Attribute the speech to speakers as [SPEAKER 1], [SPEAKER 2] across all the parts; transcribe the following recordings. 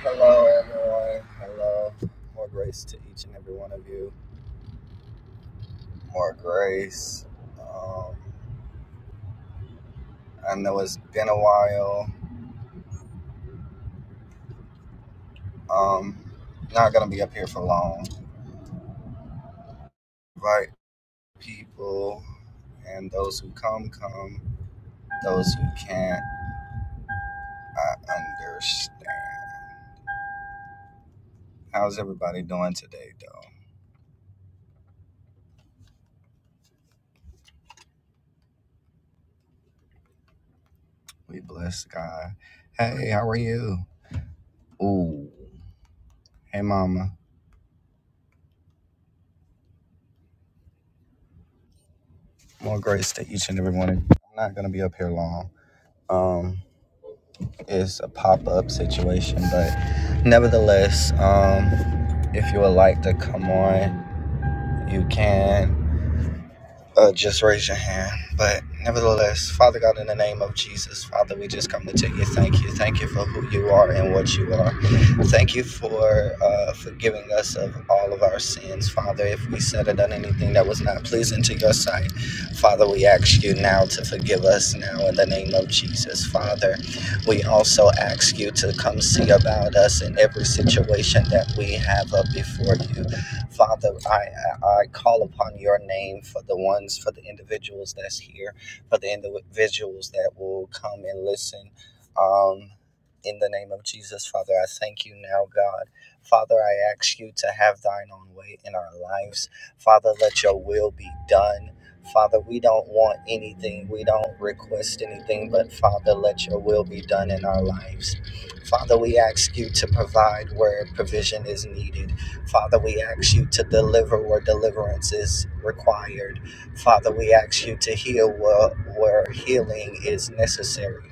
[SPEAKER 1] Hello, everyone. Hello. More grace to each and every one of you. More grace. Um, I know it's been a while. Um, not gonna be up here for long. Invite people, and those who come, come. Those who can't, I understand. How's everybody doing today, though? We bless God. Hey, how are you? Ooh. Hey, Mama. More grace to each and every one of you. I'm not gonna be up here long. Um. It's a pop up situation, but nevertheless, um, if you would like to come on, you can uh, just raise your hand. But nevertheless, Father God, in the name of Jesus, Father, we just come to tell you thank you. Thank you for who you are and what you are. Thank you for uh, forgiving us of all of our sins, Father. If we said or done anything that was not pleasing to your sight, Father, we ask you now to forgive us now in the name of Jesus, Father. We also ask you to come see about us in every situation that we have up before you. Father, I, I I call upon your name for the ones, for the individuals that's here, for the individuals that will come and listen. Um, in the name of Jesus, Father, I thank you now, God. Father, I ask you to have thine own way in our lives. Father, let your will be done. Father, we don't want anything. We don't request anything, but Father, let your will be done in our lives. Father, we ask you to provide where provision is needed. Father, we ask you to deliver where deliverance is required. Father, we ask you to heal where, where healing is necessary.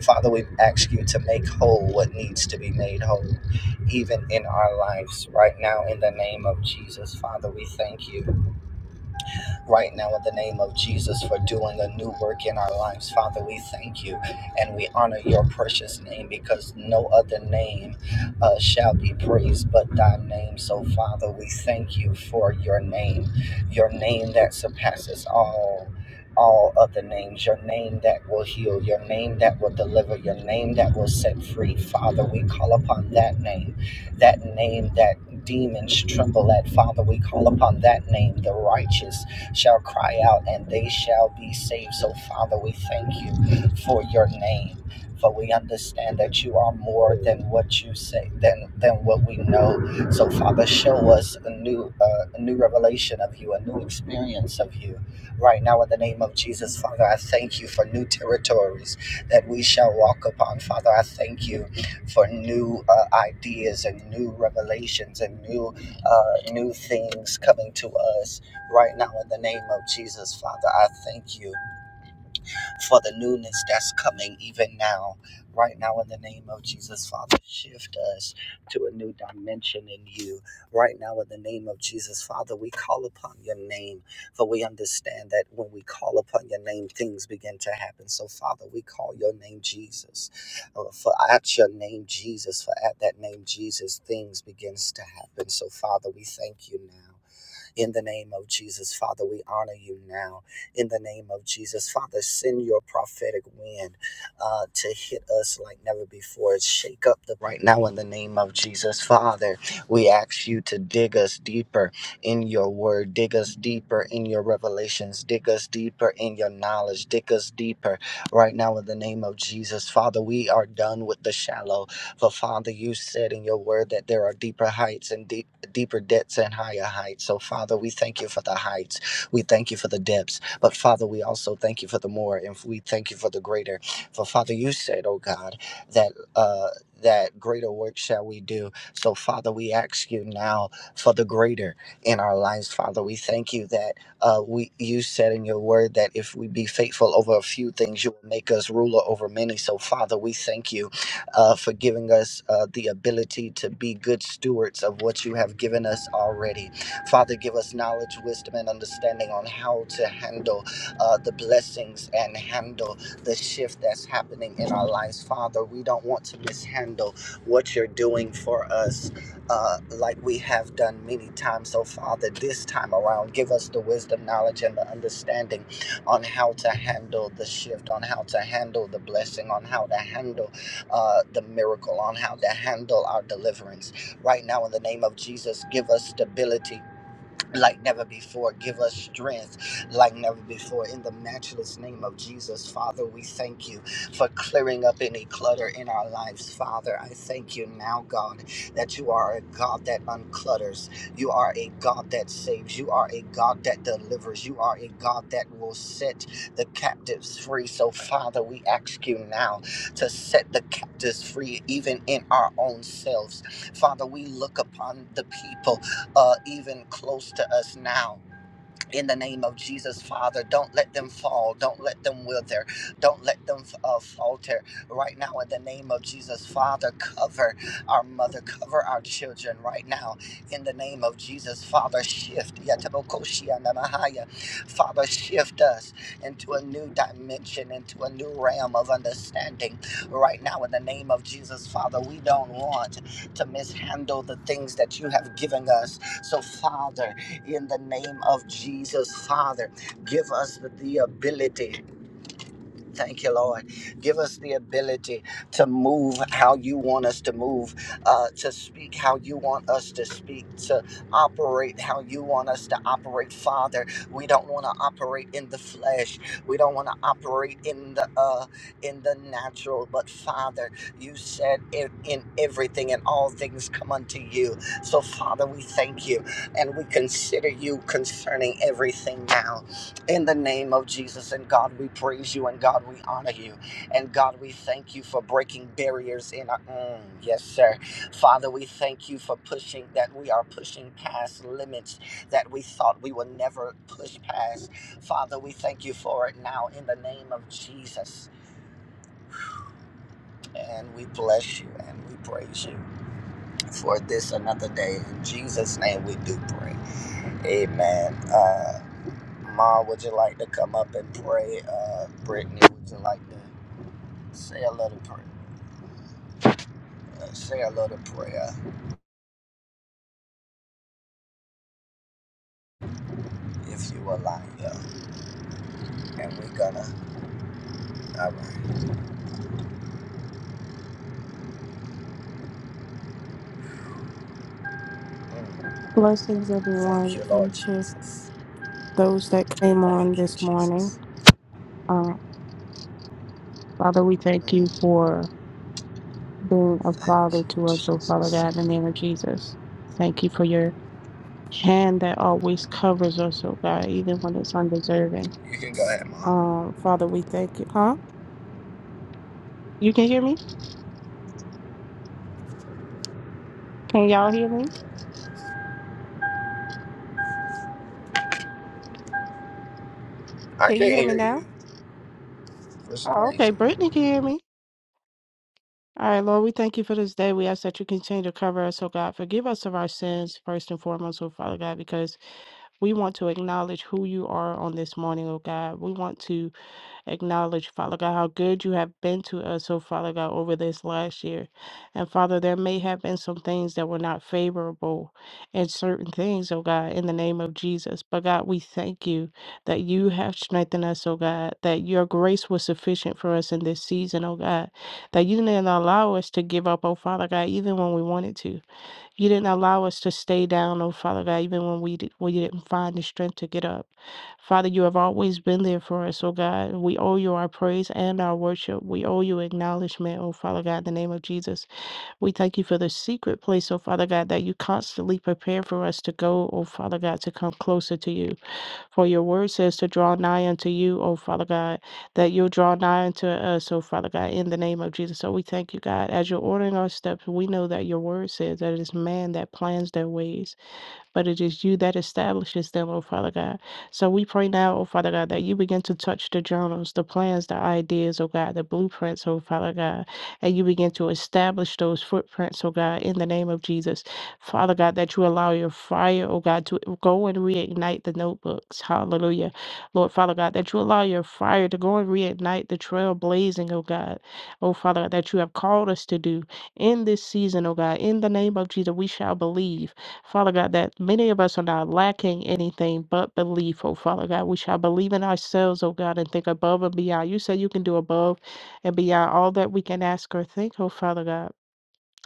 [SPEAKER 1] Father, we ask you to make whole what needs to be made whole, even in our lives right now, in the name of Jesus. Father, we thank you right now in the name of Jesus for doing a new work in our lives. Father, we thank you and we honor your precious name because no other name uh, shall be praised but thy name. So, Father, we thank you for your name, your name that surpasses all. All other names, your name that will heal, your name that will deliver, your name that will set free. Father, we call upon that name, that name that demons tremble at. Father, we call upon that name, the righteous shall cry out and they shall be saved. So, Father, we thank you for your name. For we understand that you are more than what you say, than than what we know. So, Father, show us a new uh, a new revelation of you, a new experience of you. Right now, in the name of Jesus, Father, I thank you for new territories that we shall walk upon. Father, I thank you for new uh, ideas and new revelations and new uh, new things coming to us right now in the name of Jesus, Father. I thank you for the newness that's coming even now. Right now in the name of Jesus, Father, shift us to a new dimension in you. Right now in the name of Jesus, Father, we call upon your name, for we understand that when we call upon your name, things begin to happen. So, Father, we call your name Jesus. Uh, For at your name, Jesus, for at that name, Jesus, things begins to happen. So, Father, we thank you now. In the name of Jesus, Father, we honor you now. In the name of Jesus, Father, send your prophetic wind uh, to hit us like never before. Shake up the right now in the name of Jesus, Father. We ask you to dig us deeper in your word, dig us deeper in your revelations, dig us deeper in your knowledge, dig us deeper right now in the name of Jesus. Father, we are done with the shallow. For Father, you said in your word that there are deeper heights and deeper deeper depths and higher heights. So, Father, we thank you for the heights. We thank you for the depths. But, Father, we also thank you for the more and we thank you for the greater. For, Father, you said, oh God, that, uh, that greater work shall we do. So, Father, we ask you now for the greater in our lives. Father, we thank you that uh, we you said in your word that if we be faithful over a few things, you will make us ruler over many. So, Father, we thank you uh, for giving us uh, the ability to be good stewards of what you have given us already. Father, give us knowledge, wisdom, and understanding on how to handle uh, the blessings and handle the shift that's happening in our lives. Father, we don't want to mishandle what you're doing for us uh, like we have done many times. So, Father, this time around, give us the wisdom, knowledge, and the understanding on how to handle the shift, on how to handle the blessing, on how to handle uh, the miracle on how to handle our deliverance. Right now, in the name of Jesus, give us stability like never before. Give us strength like never before. In the matchless name of Jesus, Father, we thank you for clearing up any clutter in our lives. Father, I thank you now, God, that you are a God that unclutters. You are a God that saves. You are a God that delivers. You are a God that will set the captives free. So, Father, we ask you now to set the captives free, even in our own selves. Father, we look upon the people uh, even close to us now in the name of Jesus, Father. Don't let them fall. Don't let them wither. Don't let them uh, falter. Right now, in the name of Jesus, Father, cover our mother, cover our children right now. In the name of Jesus, Father, shift. Yatabokoshianamahaya. Father, shift us into a new dimension, into a new realm of understanding. Right now, in the name of Jesus, Father, we don't want to mishandle the things that you have given us. So, Father, in the name of Jesus, Father. Give us the ability. Thank you, Lord. Give us the ability to move how you want us to move, uh, to speak how you want us to speak, to operate how you want us to operate. Father, we don't want to operate in the flesh. We don't want to operate in the uh, in the natural. But Father, you said in, in everything and all things come unto you. So Father, we thank you and we consider you concerning everything now. In the name of Jesus, and God, we praise you, and God, we honor you, and God, we thank you for breaking barriers in our. Mm, yes, sir. Father, we thank you for pushing that we are pushing past limits that we thought we would never push past. Father, we thank you for it now in the name of Jesus, and we bless you and we praise you for this another day. In Jesus' name, we do pray. Amen. Uh, Ma, would you like to come up and pray? Uh, Brittany, would you like to say a little prayer? Uh, say a little prayer if you would like. Yeah. And we're gonna. All right. Mm.
[SPEAKER 2] Blessings,
[SPEAKER 1] Thank
[SPEAKER 2] everyone,
[SPEAKER 1] you, Lord
[SPEAKER 2] and to
[SPEAKER 1] Jesus.
[SPEAKER 2] those that came on
[SPEAKER 1] Thank you,
[SPEAKER 2] this morning.
[SPEAKER 1] Jesus.
[SPEAKER 2] Uh, Father, we thank you
[SPEAKER 1] Mm.
[SPEAKER 2] for being a
[SPEAKER 1] Thank
[SPEAKER 2] father
[SPEAKER 1] you,
[SPEAKER 2] to us, oh Father
[SPEAKER 1] Jesus.
[SPEAKER 2] God, in the name of Jesus. Thank you for your hand that always covers us, oh God, even when it's undeserving.
[SPEAKER 1] You can go ahead, Ma.
[SPEAKER 2] Um, Father, we thank you. Huh? You can hear me? Can y'all hear me?
[SPEAKER 1] I
[SPEAKER 2] Can you
[SPEAKER 1] can't
[SPEAKER 2] hear me
[SPEAKER 1] hear
[SPEAKER 2] now?
[SPEAKER 1] you for some
[SPEAKER 2] Oh, okay,
[SPEAKER 1] reason.
[SPEAKER 2] Brittany can hear me. All right, Lord, we thank you for this day. We ask that you continue to cover us, oh God. Forgive us of our sins, first and foremost, oh Father God, because We want to acknowledge who you are on this morning, oh God. We want to acknowledge, Father God, how good you have been to us, oh Father God, over this last year. And Father, there may have been some things that were not favorable and certain things, oh God, in the name of Jesus. But God, we thank you that you have strengthened us, oh God, that your grace was sufficient for us in this season, oh God, that you didn't allow us to give up, oh Father God, even when we wanted to. You didn't allow us to stay down, oh Father God, even when we did, we didn't find the strength to get up. Father, you have always been there for us, oh God. We owe you our praise and our worship. We owe you acknowledgement, oh Father God, in the name of Jesus. We thank you for the secret place, oh Father God, that you constantly prepare for us to go, oh Father God, to come closer to you. For your word says to draw nigh unto you, oh Father God, that you'll draw nigh unto us, oh Father God, in the name of Jesus. So we thank you, God. As you're ordering our steps, we know that your word says that it is man that plans their ways but it is you that establishes them, oh Father God. So we pray now, oh Father God, that you begin to touch the journals, the plans, the ideas, oh God, the blueprints, oh Father God, and you begin to establish those footprints, oh God, in the name of Jesus. Father God, that you allow your fire, oh God, to go and reignite the notebooks. Hallelujah. Lord Father God, that you allow your fire to go and reignite the trail blazing, oh God. Oh Father, that you have called us to do in this season, oh God. In the name of Jesus, we shall believe. Father God, that many of us are not lacking anything but belief, oh Father God. We shall believe in ourselves, oh God, and think above and beyond. You said you can do above and beyond all that we can ask or think, oh Father God.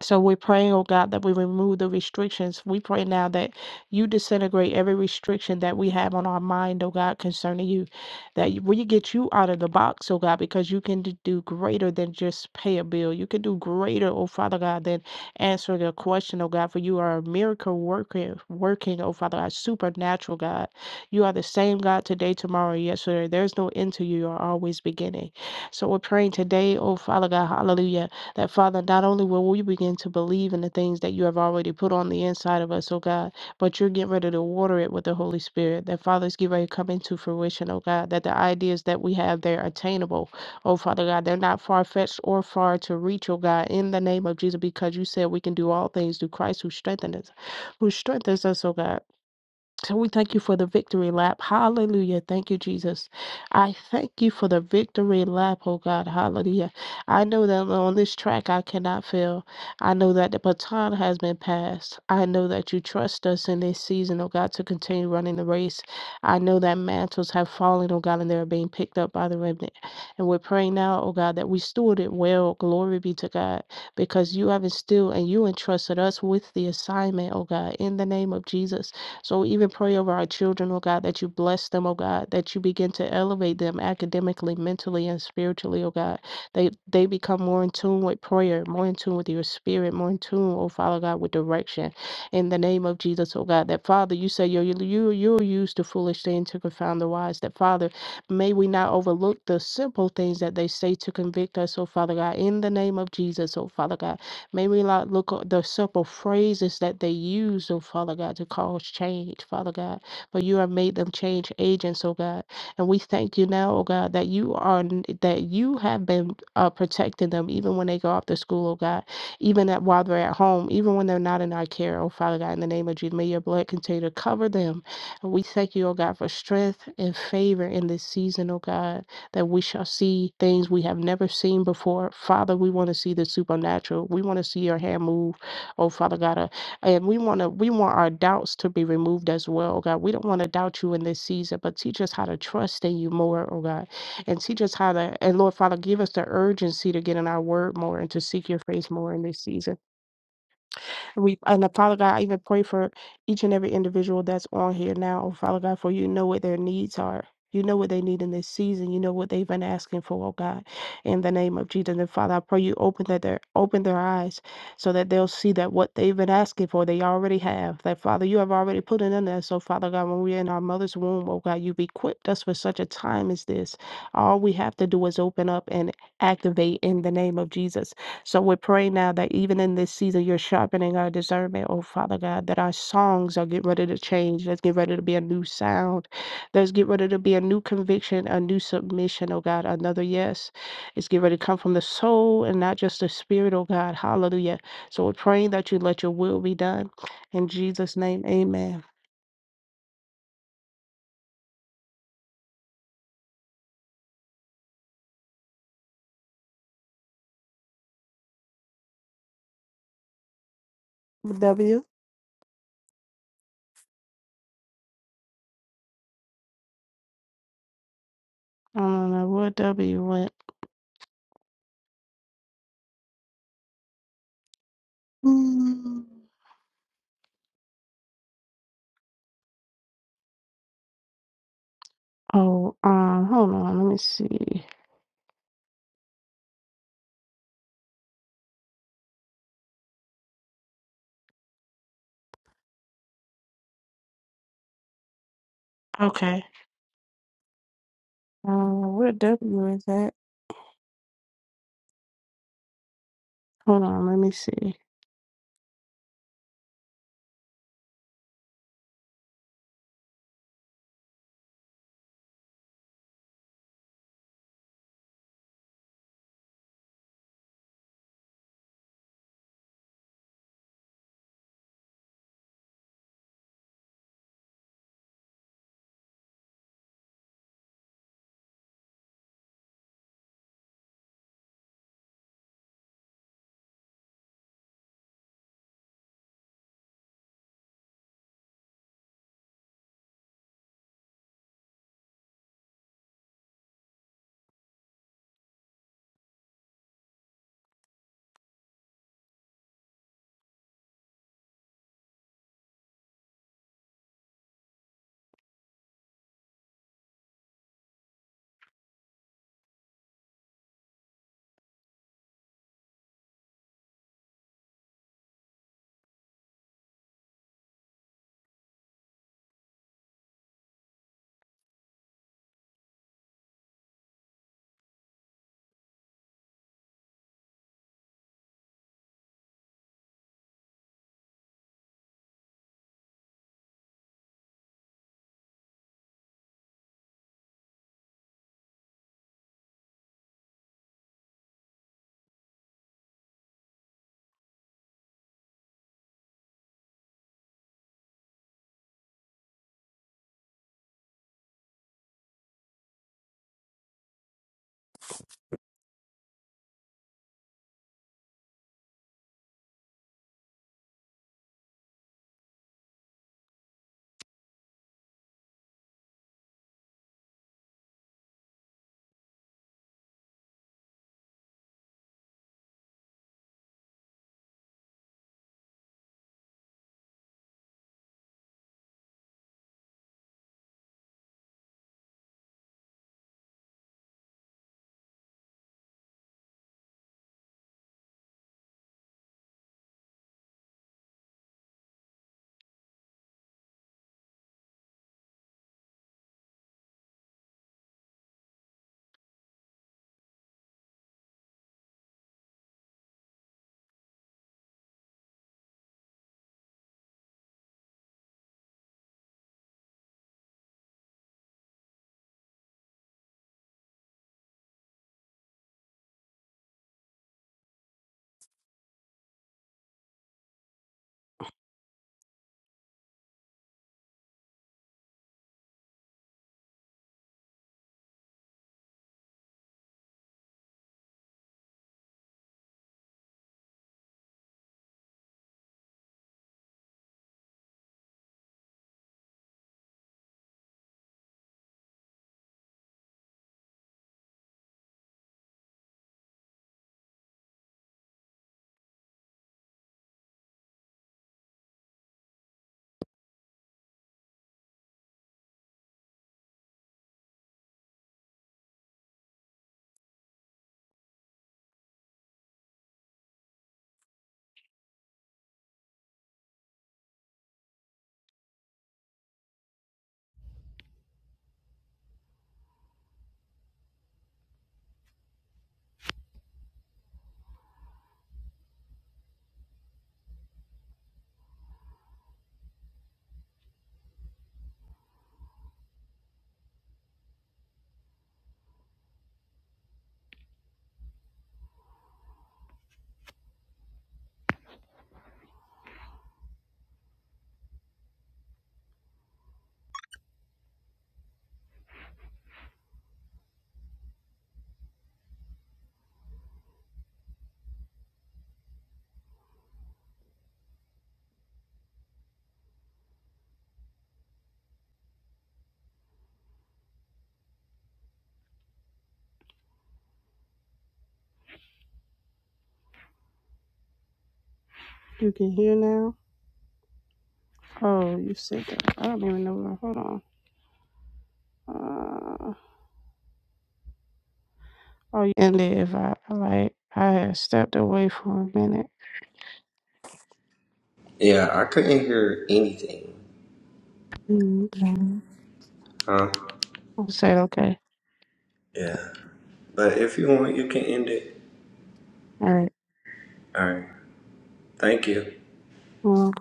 [SPEAKER 2] So we're praying, oh God, that we remove the restrictions. We pray now that you disintegrate every restriction that we have on our mind, oh God, concerning you. That you- we get you out of the box, oh God, because you can d- do greater than just pay a bill. You can do greater, oh Father God, than answering a question, oh God, for you are a miracle worker, working, oh Father God, supernatural God. You are the same God today, tomorrow, and yesterday. There's no end to you. You are always beginning. So we're praying today, oh Father God, hallelujah that, Father, not only will we begin to believe in the things that you have already put on the inside of us, oh God, but you're getting ready to water it with the Holy Spirit. That, Father, is getting ready to come into fruition, oh God, that the ideas that we have, they're attainable. Oh, Father God, they're not far fetched or far to reach, oh God, in the name of Jesus, because you said we can do all things through Christ who strengthens us, who strengthens us, oh God. So we thank you for the victory lap. Hallelujah. Thank you, Jesus. I thank you for the victory lap, oh God. Hallelujah. I know that on this track I cannot fail. I know that the baton has been passed. I know that you trust us in this season, oh God, to continue running the race. I know that mantles have fallen, oh God, and they're being picked up by the remnant. And we're praying now, oh God, that we steward it well. Glory be to God, because you have instilled and you entrusted us with the assignment, oh God, in the name of Jesus. So we even pray over our children, oh God, that you bless them, oh God, that you begin to elevate them academically, mentally, and spiritually, oh God. They they become more in tune with prayer, more in tune with your spirit, more in tune, oh Father God, with direction. In the name of Jesus, oh God, that Father, you say you're you you're used to foolish things to confound the wise. That Father, may we not overlook the simple things that they say to convict us, oh Father God, in the name of Jesus, oh Father God. May we not look at the simple phrases that they use, oh Father God, to cause change, Father God. For you have made them change agents, oh God. And we thank you now, oh God, that you are that you have been uh, protecting them even when they go off to school, oh God, even at, while they're at home, even when they're not in our care, oh Father God, in the name of Jesus. May your blood continue to cover them. And we thank you, oh God, for strength and favor in this season, oh God that we shall see things we have never seen before. Father, we want to see the supernatural. We want to see your hand move, oh Father God. uh, And we want to we want our doubts to be removed as well, oh, God. We don't want to doubt you in this season, but teach us how to trust in you more, oh God. And teach us how to and Lord Father, give us the urgency to get in our word more and to seek your face more in this season. We and uh, Father God, I even pray for each and every individual that's on here now, oh Father God, for you know what their needs are. You know what they need in this season. You know what they've been asking for, oh God. In the name of Jesus. And Father, I pray you open that their open their eyes so that they'll see that what they've been asking for, they already have. That Father, you have already put it in there. So Father God, when we're in our mother's womb, oh God, you've equipped us for such a time as this. All we have to do is open up and activate in the name of Jesus. So we pray now that even in this season, you're sharpening our discernment, oh Father God, that our songs are getting ready to change. Let's get ready to be a new sound. Let's get ready to be a new conviction, a new submission, oh God, another yes. It's get ready to come from the soul and not just the spirit, oh God. Hallelujah. So we're praying that you let your will be done. In Jesus' name, amen. W? I don't know where W went. Mm. Oh, um, hold on. Let me see. Okay. Uh, where W is at? Hold on, let me see. You can hear now? Oh, you said that. I don't even know where. Hold on. Uh, oh, you ended if I like. I had stepped away for a minute.
[SPEAKER 1] Yeah, I couldn't hear anything.
[SPEAKER 2] Okay. I
[SPEAKER 1] Huh?
[SPEAKER 2] said okay.
[SPEAKER 1] Yeah. But if you want, you can end it.
[SPEAKER 2] All right.
[SPEAKER 1] All right. Thank you.
[SPEAKER 2] Well,